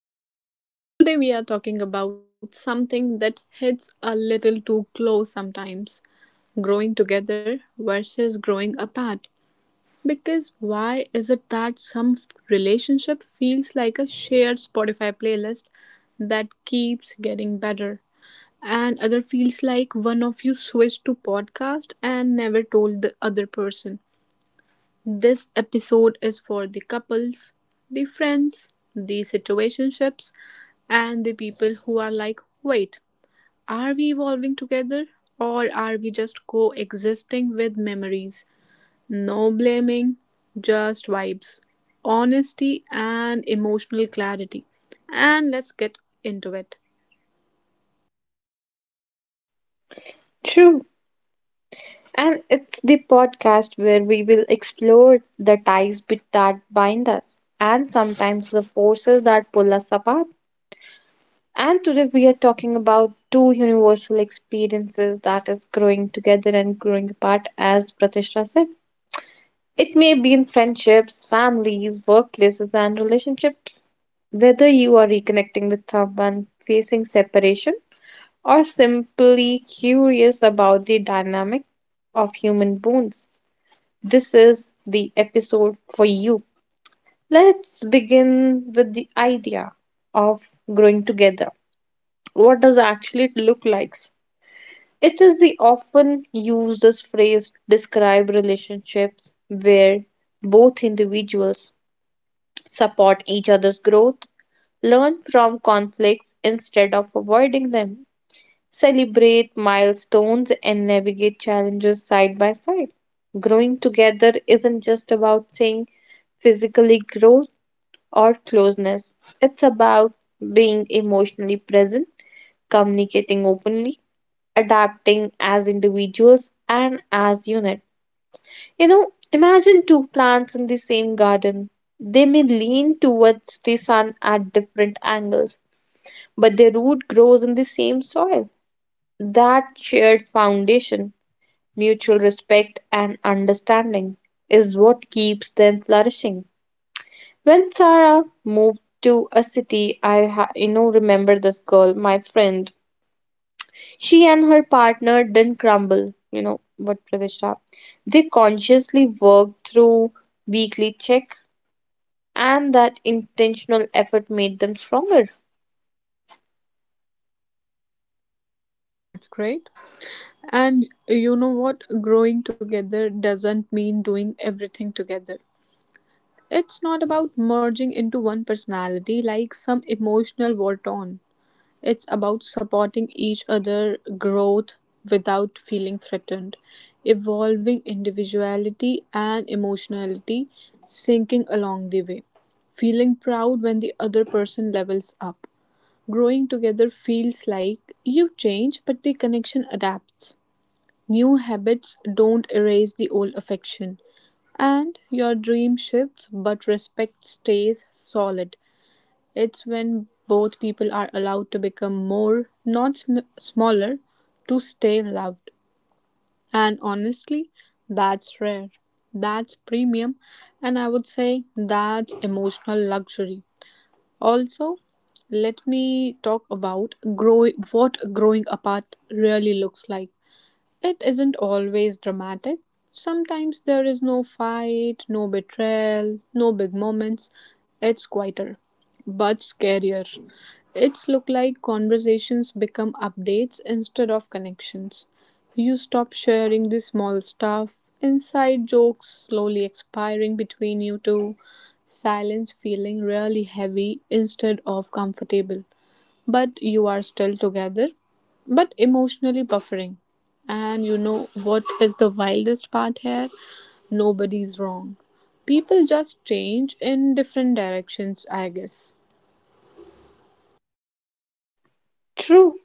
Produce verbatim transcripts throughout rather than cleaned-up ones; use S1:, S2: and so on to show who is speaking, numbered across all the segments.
S1: welcome back. Today we are talking about something that hits a little too close sometimes, growing together versus growing apart. Because why is it that some f- relationship feels like a shared Spotify playlist that keeps getting better? And other feels like one of you switched to podcast and never told the other person. This episode is for the couples, the friends, the situationships, and the people who are like, wait, are we evolving together or are we just coexisting with memories? No blaming, just vibes, honesty, and emotional clarity. And let's get into it.
S2: True. And it's the podcast where we will explore the ties bit that bind us and sometimes the forces that pull us apart. And today we are talking about two universal experiences that is growing together and growing apart, as Pratishta said. It may be in friendships, families, workplaces, and relationships. Whether you are reconnecting with someone facing separation or simply curious about the dynamic of human bonds. This is the episode for you. Let's begin with the idea of growing together. What does actually it look like? It is the often used as phrase to describe relationships where both individuals support each other's growth, learn from conflicts instead of avoiding them, celebrate milestones, and navigate challenges side by side. Growing together isn't just about seeing physically growth or closeness, it's about being emotionally present, communicating openly, adapting as individuals and as unit. You know, imagine two plants in the same garden. They may lean towards the sun at different angles, but their root grows in the same soil. That shared foundation, mutual respect and understanding is what keeps them flourishing. When Sarah moved to a city, I ha- you know remember this girl, my friend. She and her partner didn't crumble. You know what, Pradesha? They consciously worked through weekly check, and that intentional effort made them stronger.
S1: Oh, that's great. And you know what? Growing together doesn't mean doing everything together. It's not about merging into one personality like some emotional bolt on. It's about supporting each other growth without feeling threatened, evolving individuality and emotionality, sinking along the way, feeling proud when the other person levels up. Growing together feels like you change, but the connection adapts. New habits don't erase the old affection. And your dream shifts, but respect stays solid. It's when both people are allowed to become more, not sm- smaller, to stay loved. And honestly, that's rare. That's premium. And I would say that's emotional luxury. Also, let me talk about grow- what growing apart really looks like. It isn't always dramatic. Sometimes there is no fight, no betrayal, no big moments. It's quieter, but scarier. It's look like conversations become updates instead of connections. You stop sharing the small stuff, inside jokes slowly expiring between you two, silence feeling really heavy instead of comfortable, but you are still together, but emotionally buffering. And you know what is the wildest part here? Nobody's wrong. People just change in different directions, I guess.
S2: True.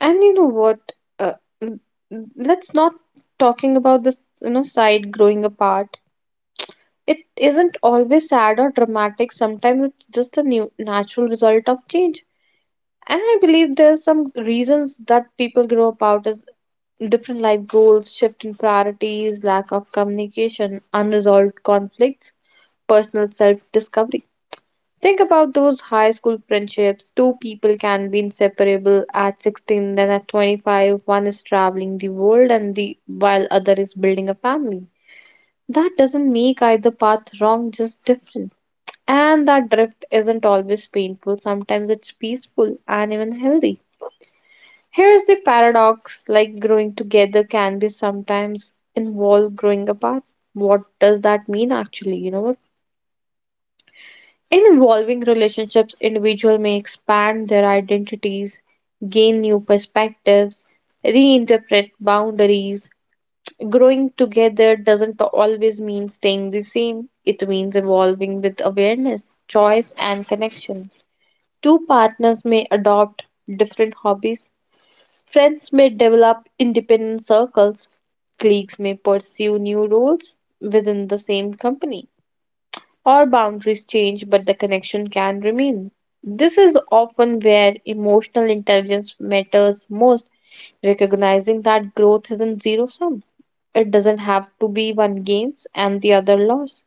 S2: And you know what? Uh, l- l- let's not talking about this, you know, side growing apart. It isn't always sad or dramatic, sometimes it's just a new natural result of change. And I believe there's some reasons that people grow about is different life goals, shift in priorities, lack of communication, unresolved conflicts, personal self-discovery. Think about those high school friendships. Two people can be inseparable at sixteen, then at twenty-five, one is traveling the world and the while other is building a family. That doesn't make either path wrong, just different. And that drift isn't always painful, sometimes it's peaceful and even healthy. Here is the paradox like growing together can be sometimes involve growing apart. What does that mean actually? You know, in evolving relationships, individuals may expand their identities, gain new perspectives, reinterpret boundaries. Growing together doesn't always mean staying the same, it means evolving with awareness, choice, and connection. Two partners may adopt different hobbies. Friends may develop independent circles. Colleagues may pursue new roles within the same company. Or boundaries change, but the connection can remain. This is often where emotional intelligence matters most, recognizing that growth isn't zero sum. It doesn't have to be one gains and the other loss.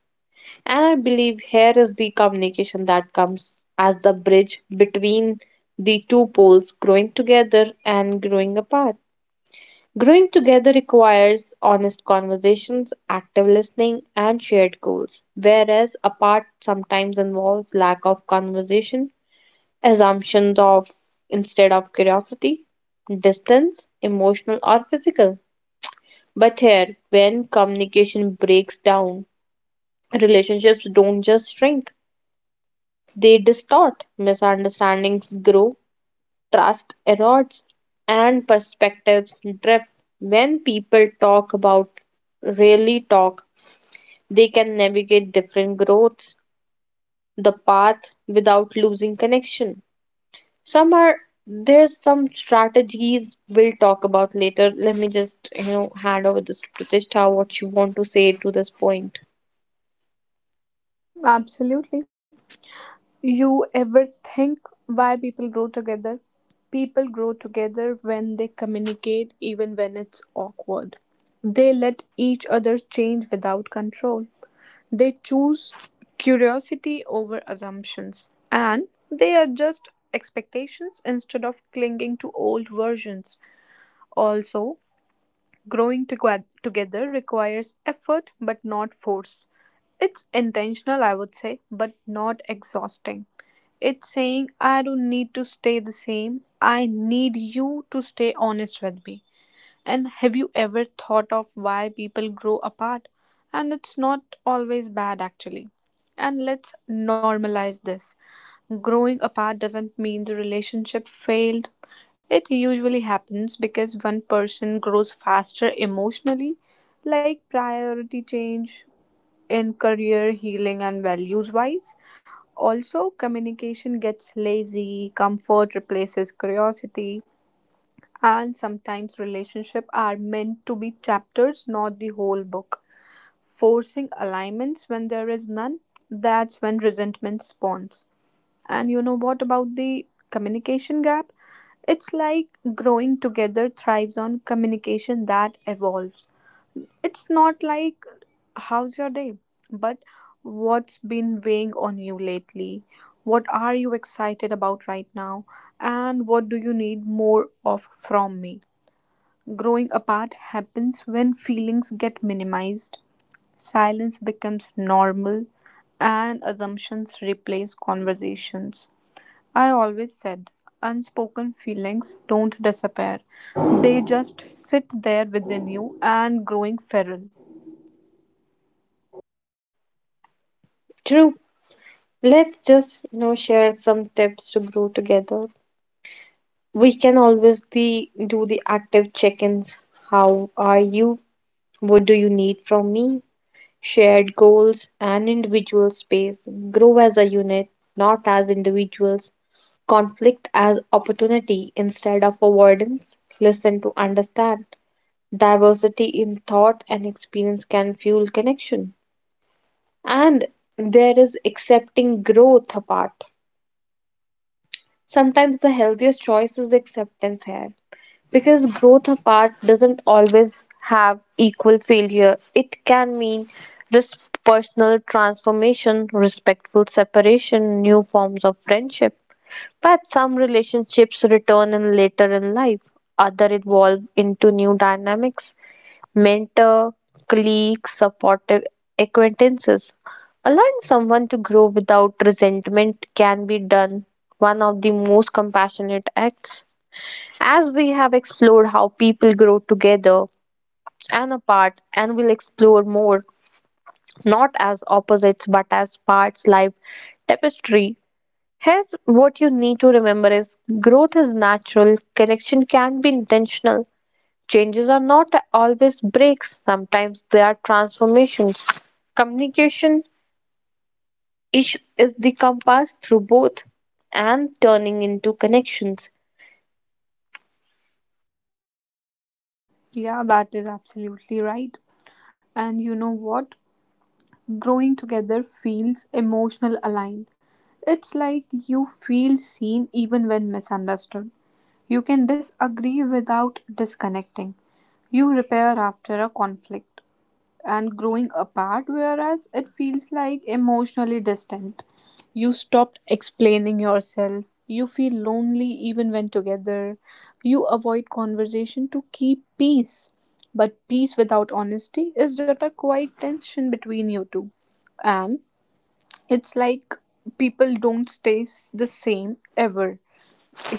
S2: And I believe here is the communication that comes as the bridge between the two poles growing together and growing apart. Growing together requires honest conversations, active listening, and shared goals, whereas apart sometimes involves lack of conversation, assumptions of instead of curiosity, distance, emotional or physical. But here, when communication breaks down, relationships don't just shrink. They distort, misunderstandings grow, trust erodes, and perspectives drift. When people talk about really talk, they can navigate different growths, the path without losing connection. Some are there's some strategies we'll talk about later. Let me just you know hand over this to Pratishtha what you want to say to this point.
S1: Absolutely. You ever think why people grow together? People grow together when they communicate, even when it's awkward. They let each other change without control. They choose curiosity over assumptions, and they adjust expectations instead of clinging to old versions. Also, growing toge- together requires effort but not force. It's intentional, I would say, but not exhausting. It's saying, I don't need to stay the same, I need you to stay honest with me. And have you ever thought of why people grow apart? And it's not always bad, actually. And let's normalize this. Growing apart doesn't mean the relationship failed. It usually happens because one person grows faster emotionally, like priority change in career, healing, and values wise. Also, communication gets lazy, comfort replaces curiosity, and sometimes relationships are meant to be chapters, not the whole book. Forcing alignments when there is none, that's when resentment spawns. And you know what about the communication gap? It's like growing together thrives on communication that evolves. It's not like, how's your day? But what's been weighing on you lately? What are you excited about right now? And what do you need more of from me? Growing apart happens when feelings get minimized, silence becomes normal, and assumptions replace conversations. I always said unspoken feelings don't disappear, they just sit there within you and growing feral.
S2: True. Let's just you know share some tips to grow together. We can always the do the active check-ins. How are you? What do you need from me? Shared goals and individual space. Grow as a unit, not as individuals. Conflict as opportunity instead of avoidance. Listen to understand. Diversity in thought and experience can fuel connection. And there is accepting growth apart. Sometimes the healthiest choice is acceptance here because growth apart doesn't always have equal failure. It can mean res- personal transformation, respectful separation, new forms of friendship. But some relationships return in later in life, other evolve into new dynamics, mentor, colleagues, supportive acquaintances. Allowing someone to grow without resentment can be done one of the most compassionate acts. As we have explored how people grow together and apart, and will explore more, not as opposites but as parts life tapestry. Here's what you need to remember is growth is natural, connection can be intentional, changes are not always breaks, sometimes they are transformations. Communication is, is the compass through both and turning into connections.
S1: Yeah, that is absolutely right. And you know what? Growing together feels emotional aligned. It's like you feel seen even when misunderstood. You can disagree without disconnecting. You repair after a conflict, and growing apart, whereas it feels like emotionally distant. You stopped explaining yourself. You feel lonely even when together. You avoid conversation to keep peace. But peace without honesty is just a quiet tension between you two. And it's like people don't stay s- the same ever.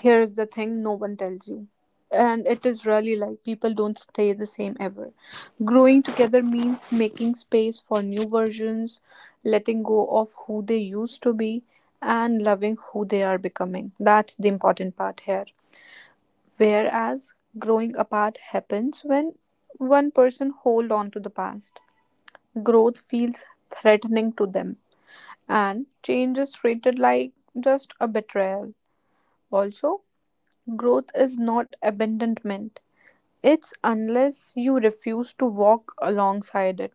S1: Here's the thing no one tells you, and it is really like people don't stay the same ever. Growing together means making space for new versions, letting go of who they used to be, and loving who they are becoming. That's the important part here. Whereas growing apart happens when one person hold on to the past, growth feels threatening to them, and change is treated like just a betrayal. Also, growth is not abandonment. It's unless you refuse to walk alongside it.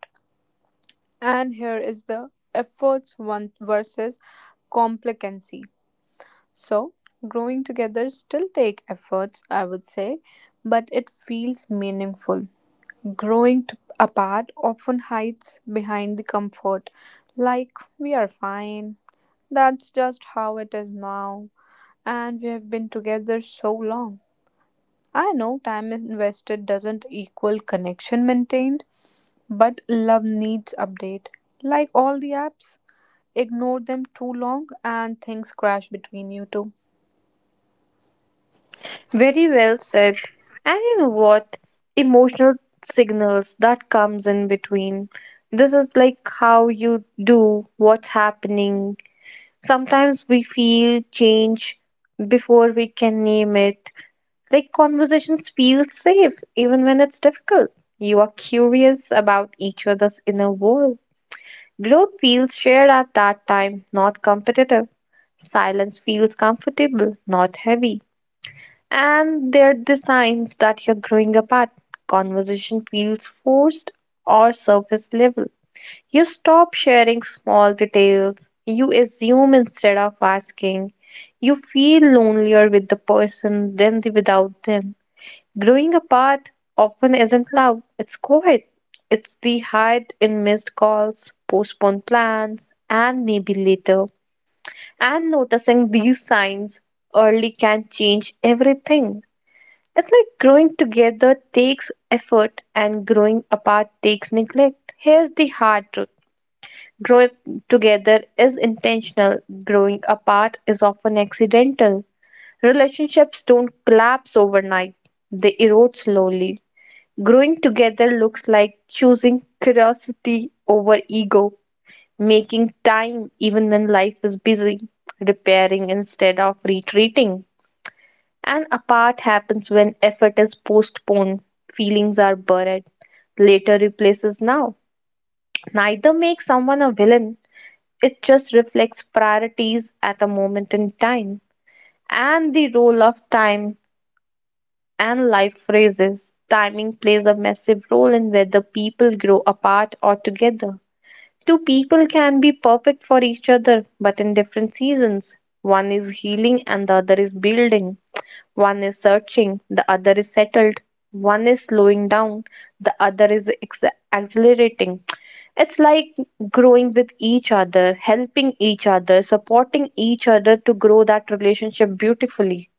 S1: And here is the efforts one versus complacency. So, growing together still take efforts, I would say, but it feels meaningful. Growing t- apart often hides behind the comfort, like we are fine. That's just how it is now, and we have been together so long. I know time invested doesn't equal connection maintained, but love needs update. Like all the apps, ignore them too long and things crash between you two.
S2: Very well said. And you know what? Emotional signals that comes in between. This is like how you do what's happening. Sometimes we feel change before we can name it. Like conversations feel safe even when it's difficult. You are curious about each other's inner world. Growth feels shared at that time, not competitive. Silence feels comfortable, not heavy. And they're the signs that you're growing apart. Conversation feels forced or surface level. You stop sharing small details. You assume instead of asking. You feel lonelier with the person than the without them. Growing apart often isn't love, it's quiet. It's the hide in missed calls, postponed plans, and maybe later. And noticing these signs early can change everything. It's like growing together takes effort and growing apart takes neglect. Here's the hard truth, growing together is intentional, growing apart is often accidental. Relationships don't collapse overnight, they erode slowly. Growing together looks like choosing curiosity over ego, making time even when life is busy, repairing instead of retreating. And apart happens when effort is postponed, feelings are buried, later replaces now. Neither makes someone a villain, it just reflects priorities at a moment in time and the role of time and life phrases. Timing plays a massive role in whether people grow apart or together. Two people can be perfect for each other, but in different seasons. One is healing and the other is building. One is searching, the other is settled. One is slowing down, the other is ex- accelerating. It's like growing with each other, helping each other, supporting each other to grow that relationship beautifully,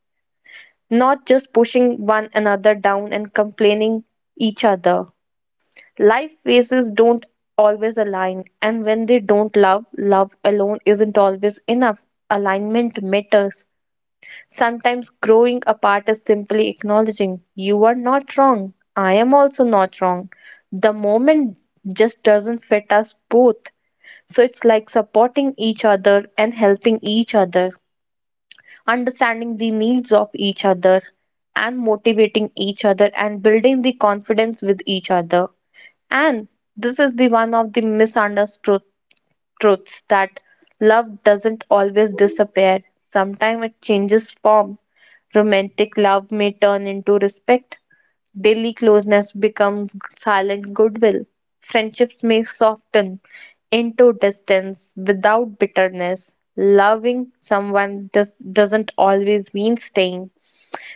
S2: not just pushing one another down and complaining each other. Life phases don't always align, and when they don't love, love alone isn't always enough. Alignment matters. Sometimes growing apart is simply acknowledging you are not wrong, I am also not wrong. The moment just doesn't fit us both. So it's like supporting each other and helping each other, understanding the needs of each other and motivating each other and building the confidence with each other, and this is the one of the misunderstood truths that love doesn't always disappear. Sometimes it changes form. Romantic love may turn into respect. Daily closeness becomes silent goodwill. Friendships may soften into distance without bitterness. Loving someone does, doesn't always mean staying.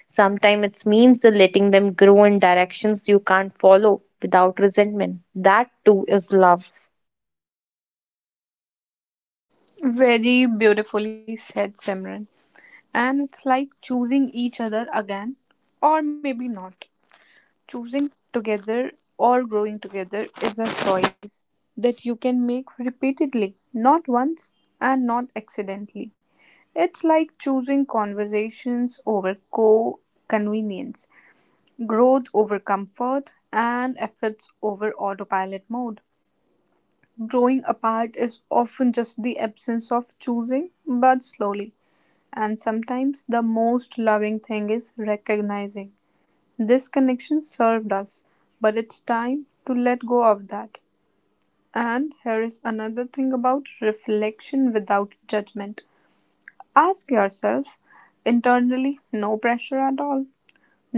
S2: Sometimes it means letting them grow in directions you can't follow without resentment. That too is love.
S1: Very beautifully said, Simran. And it's like choosing each other again, or maybe not. Choosing together or growing together is a choice that you can make repeatedly, not once and not accidentally. It's like choosing conversations over co convenience, growth over comfort, and efforts over autopilot mode. Growing apart is often just the absence of choosing, but slowly. And sometimes the most loving thing is recognizing this connection served us, but it's time to let go of that. And here is another thing about reflection without judgment. Ask yourself internally, no pressure at all.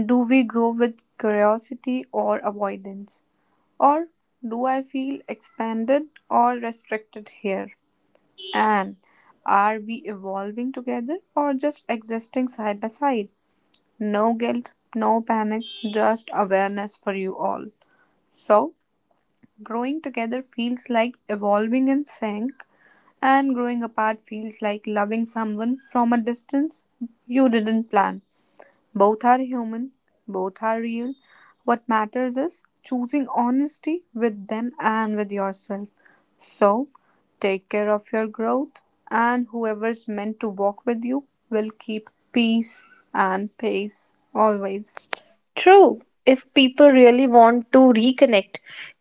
S1: Do we grow with curiosity or avoidance? Or do I feel expanded or restricted here? And are we evolving together or just existing side by side? No guilt, no panic, just awareness for you all. So, growing together feels like evolving in sync, and growing apart feels like loving someone from a distance you didn't plan. Both are human, both are real. What matters is choosing honesty with them and with yourself. So, take care of your growth, and whoever's meant to walk with you will keep peace and pace always.
S2: True, if people really want to reconnect,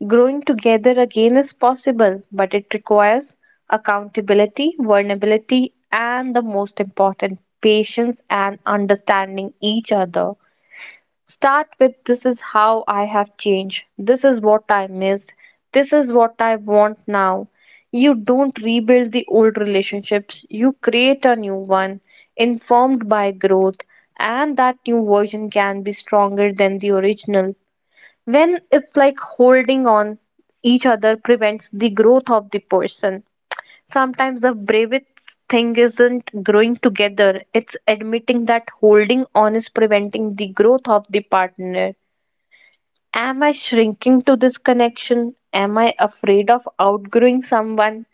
S2: growing together again is possible, but it requires accountability, vulnerability, and the most important, patience and understanding each other. Start with this is how I have changed. This is what I missed. This is what I want now. You don't rebuild the old relationships, you create a new one, informed by growth, and that new version can be stronger than the original. When it's like holding on each other prevents the growth of the person. Sometimes the bravest thing isn't growing together, it's admitting that holding on is preventing the growth of the partner. Am I shrinking to this connection? Am I afraid of outgrowing someone?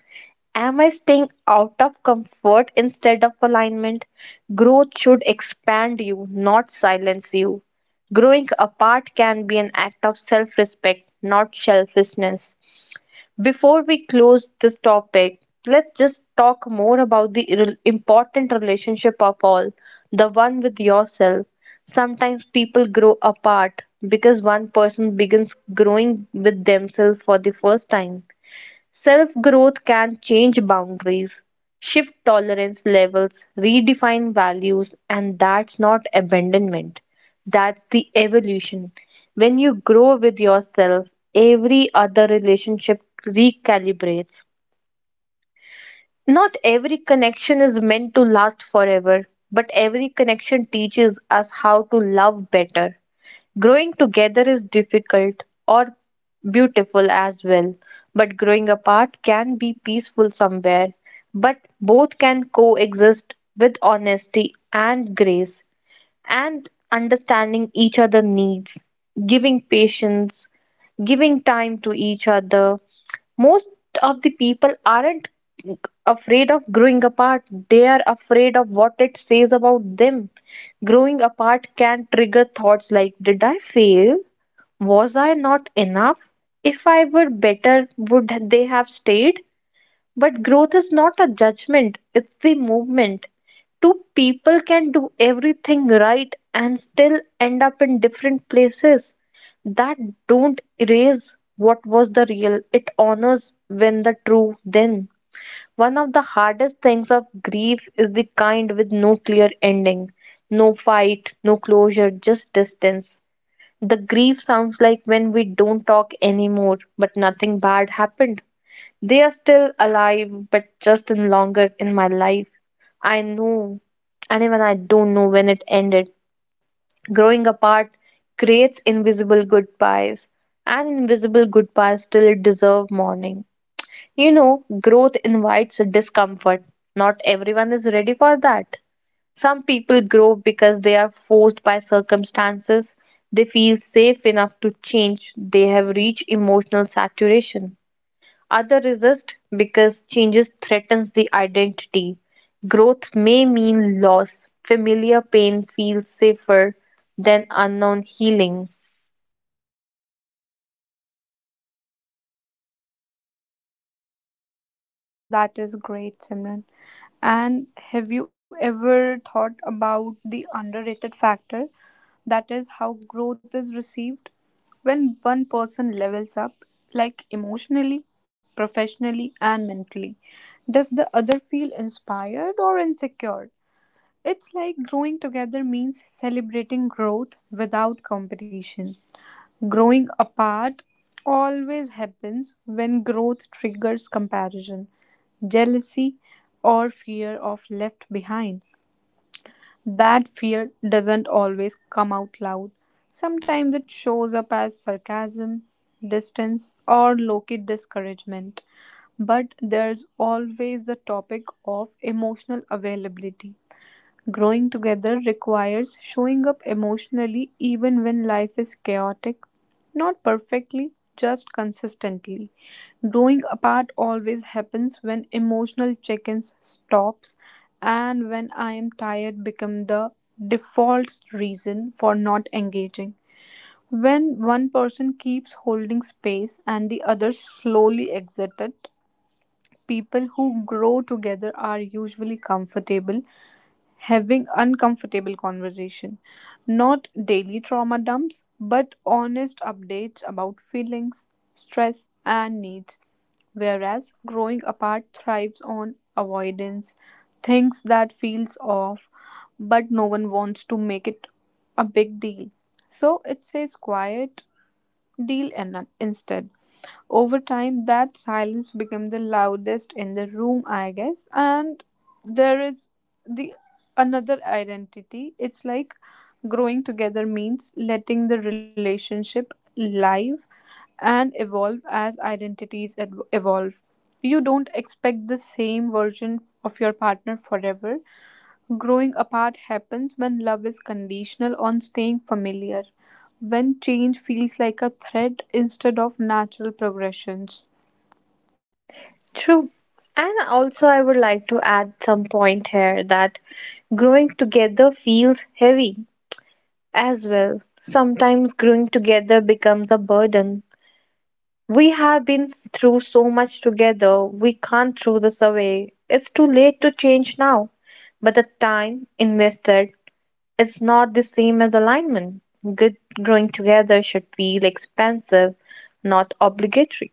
S2: Am I staying out of comfort instead of alignment? Growth should expand you, not silence you. Growing apart can be an act of self respect, not selfishness. Before we close this topic, let's just talk more about the irrel- important relationship of all, the one with yourself. Sometimes people grow apart because one person begins growing with themselves for the first time. Self growth can change boundaries, shift tolerance levels, redefine values, and that's not abandonment. That's the evolution. When you grow with yourself, every other relationship recalibrates. Not every connection is meant to last forever, but every connection teaches us how to love better. Growing together is difficult or beautiful as well, but growing apart can be peaceful somewhere. But both can coexist with honesty and grace and understanding each other needs, giving patience, giving time to each other. Most of the people aren't afraid of growing apart, they are afraid of what it says about them. Growing apart can trigger thoughts like did I fail? Was I not enough? If I were better would they have stayed? But growth is not a judgment, it's the movement. Two people can do everything right and still end up in different places. That don't erase what was the real, it honors when the true then. One of the hardest things of grief is the kind with no clear ending, no fight, no closure, just distance. The grief sounds like when we don't talk anymore, but nothing bad happened. They are still alive, but just in longer in my life. I know, and even I don't know when it ended. Growing apart creates invisible goodbyes, and invisible goodbyes still deserve mourning. You know, growth invites discomfort. Not everyone is ready for that. Some people grow because they are forced by circumstances. They feel safe enough to change. They have reached emotional saturation. Other resist because changes threatens the identity. Growth may mean loss. Familiar pain feels safer than unknown healing.
S1: Wow, that is great, Simran. And have you ever thought about the underrated factor? That is how growth is received. When one person levels up, like emotionally, professionally, and mentally, does the other feel inspired or insecure? It's like growing together means celebrating growth without competition. Growing apart always happens when growth triggers comparison, jealousy, or fear of left behind. That fear doesn't always come out loud. Sometimes it shows up as sarcasm, distance, or low key discouragement. But there's always the topic of emotional availability. Growing together requires showing up emotionally even when life is chaotic, not perfectly, just consistently. Growing apart always happens when emotional check-ins stops and when I am tired become the default reason for not engaging. When one person keeps holding space and the other slowly exits it, people who grow together are usually comfortable having uncomfortable conversation, not daily trauma dumps but honest updates about feelings, stress and needs. Whereas growing apart thrives on avoidance, things that feels off but no one wants to make it a big deal, so it stays quiet deal in instead. Over time, that silence became the loudest in the room, I guess. And there is the another identity. It's like growing together means letting the relationship live and evolve as identities ev- evolve. You don't expect the same version of your partner forever. Growing apart happens when love is conditional on staying familiar, when change feels like a threat instead of natural progressions.
S2: True. And also I would like to add some point here that growing together feels heavy as well. Sometimes growing together becomes a burden. We have been through so much together. We can't throw this away. It's too late to change now. But the time invested, it's not the same as alignment. Good growing together should feel expansive, not obligatory.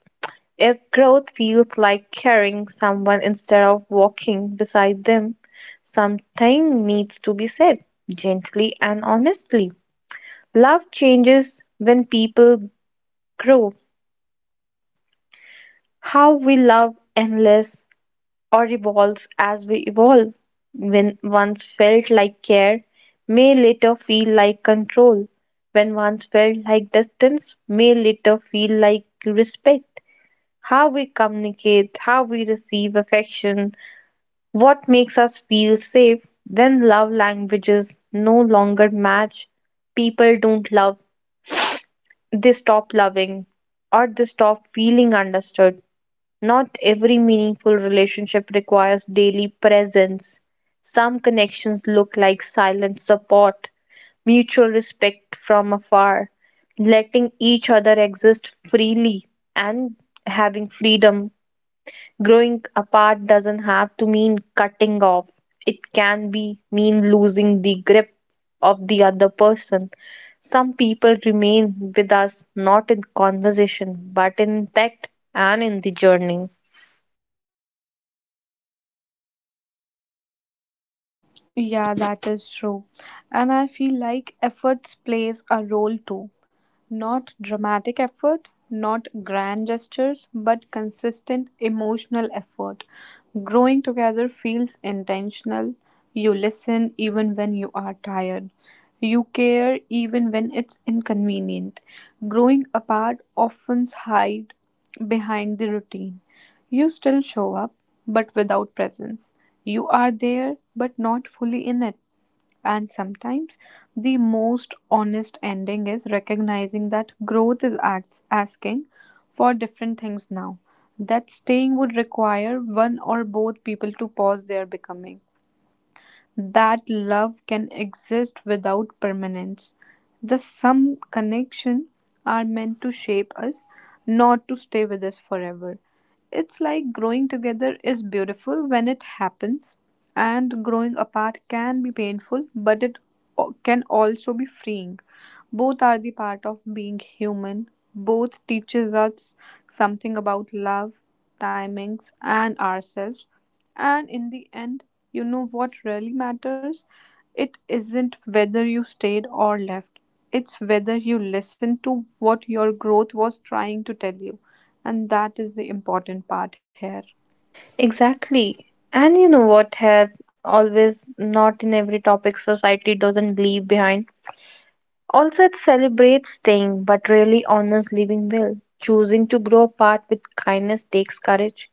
S2: If growth feels like carrying someone instead of walking beside them, something needs to be said gently and honestly. Love changes when people grow. How we love endless or evolves as we evolve. When once felt like care, may later feel like control. When once felt like distance, may later feel like respect. How we communicate, how we receive affection, what makes us feel safe. When love languages no longer match, people don't love, they stop loving or they stop feeling understood. Not every meaningful relationship requires daily presence. Some connections look like silent support, mutual respect from afar, letting each other exist freely and having freedom. Growing apart doesn't have to mean cutting off. It can be mean losing the grip of the other person. Some people remain with us not in conversation but in impact and in the journey.
S1: Yeah, that is true. And I feel like efforts plays a role too. Not dramatic effort, not grand gestures, but consistent emotional effort. Growing together feels intentional. You listen even when you are tired. You care even when it's inconvenient. Growing apart often hide behind the routine. You still show up, but without presence. You are there, but not fully in it. And sometimes the most honest ending is recognizing that growth is acts asking for different things now, that staying would require one or both people to pause their becoming, that love can exist without permanence. The some connection are meant to shape us, not to stay with us forever. It's like growing together is beautiful when it happens, and growing apart can be painful, but it o- can also be freeing. Both are the part of being human. Both teaches us something about love, timings, and ourselves. And in the end, you know what really matters? It isn't whether you stayed or left, it's whether you listened to what your growth was trying to tell you. And that is the important part here.
S2: Exactly. And you know what, hair always not in every topic society doesn't leave behind. Also, it celebrates staying, but really honors living well. Choosing to grow apart with kindness takes courage.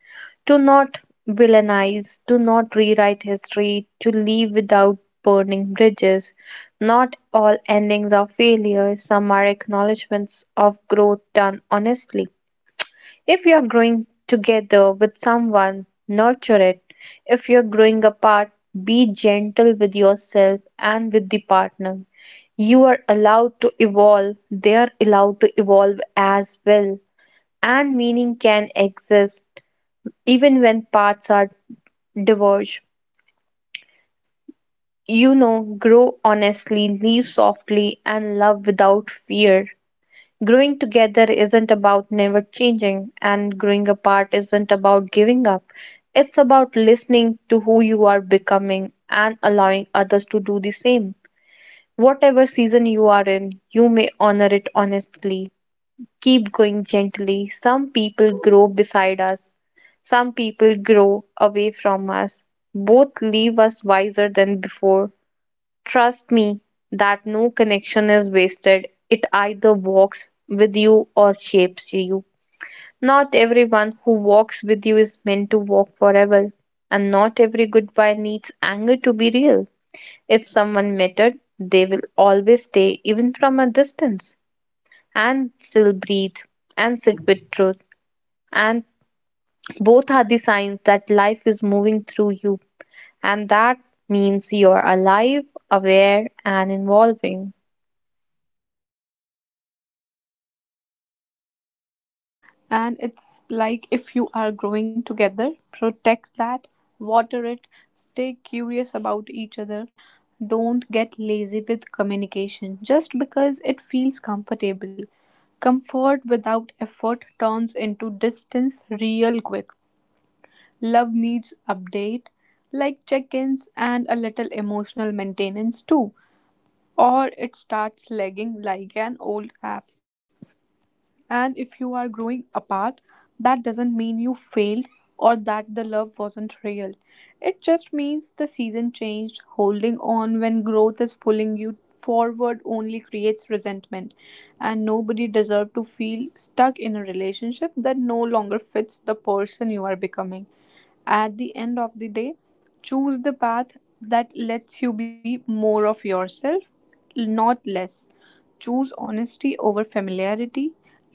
S2: To not villainize, to not rewrite history, to leave without burning bridges. Not all endings are failures, some are acknowledgments of growth done honestly. If you're growing together with someone, nurture it. If you're growing apart, be gentle with yourself and with the partner. You are allowed to evolve, they are allowed to evolve as well. And meaning can exist even when paths are diverge. You know, grow honestly, leave softly, and love without fear. Growing together isn't about never changing, and growing apart isn't about giving up. It's about listening to who you are becoming and allowing others to do the same. Whatever season you are in, you may honor it honestly. Keep going gently. Some people grow beside us, some people grow away from us. Both leave us wiser than before. Trust me that no connection is wasted. It either walks with you or shapes you. Not everyone who walks with you is meant to walk forever, and not every goodbye needs anger to be real. If someone mattered, they will always stay, even from a distance, and still breathe and sit with truth. And both are the signs that life is moving through you, and that means you're alive, aware, and evolving.
S1: So beautiful, Simran. And it's like if you are growing together, protect that, water it, stay curious about each other. Don't get lazy with communication just because it feels comfortable. Comfort without effort turns into distance real quick. Love needs update, like check ins and a little emotional maintenance too, or it starts lagging like an old app. And if you are growing apart, that doesn't mean you failed or that the love wasn't real. It just means the season changed. Holding on when growth is pulling you forward only creates resentment. And nobody deserves to feel stuck in a relationship that no longer fits the person you are becoming. At the end of the day, choose the path that lets you be more of yourself, not less. Choose honesty over familiarity,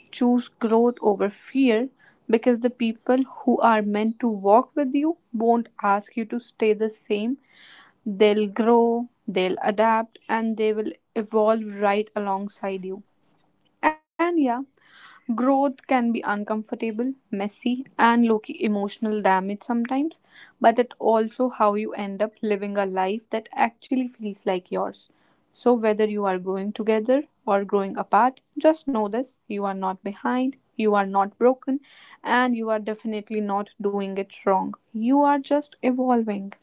S1: choose growth over fear, because the people who are meant to walk with you won't ask you to stay the same. They'll grow, they'll adapt, and they will evolve right alongside you. And yeah, growth can be uncomfortable, messy, and low key emotional damage sometimes, but it also how you end up living a life that actually feels like yours. So, whether you are growing together or growing apart, just know this, you are not behind, you are not broken, and you are definitely not doing it wrong. You are just evolving.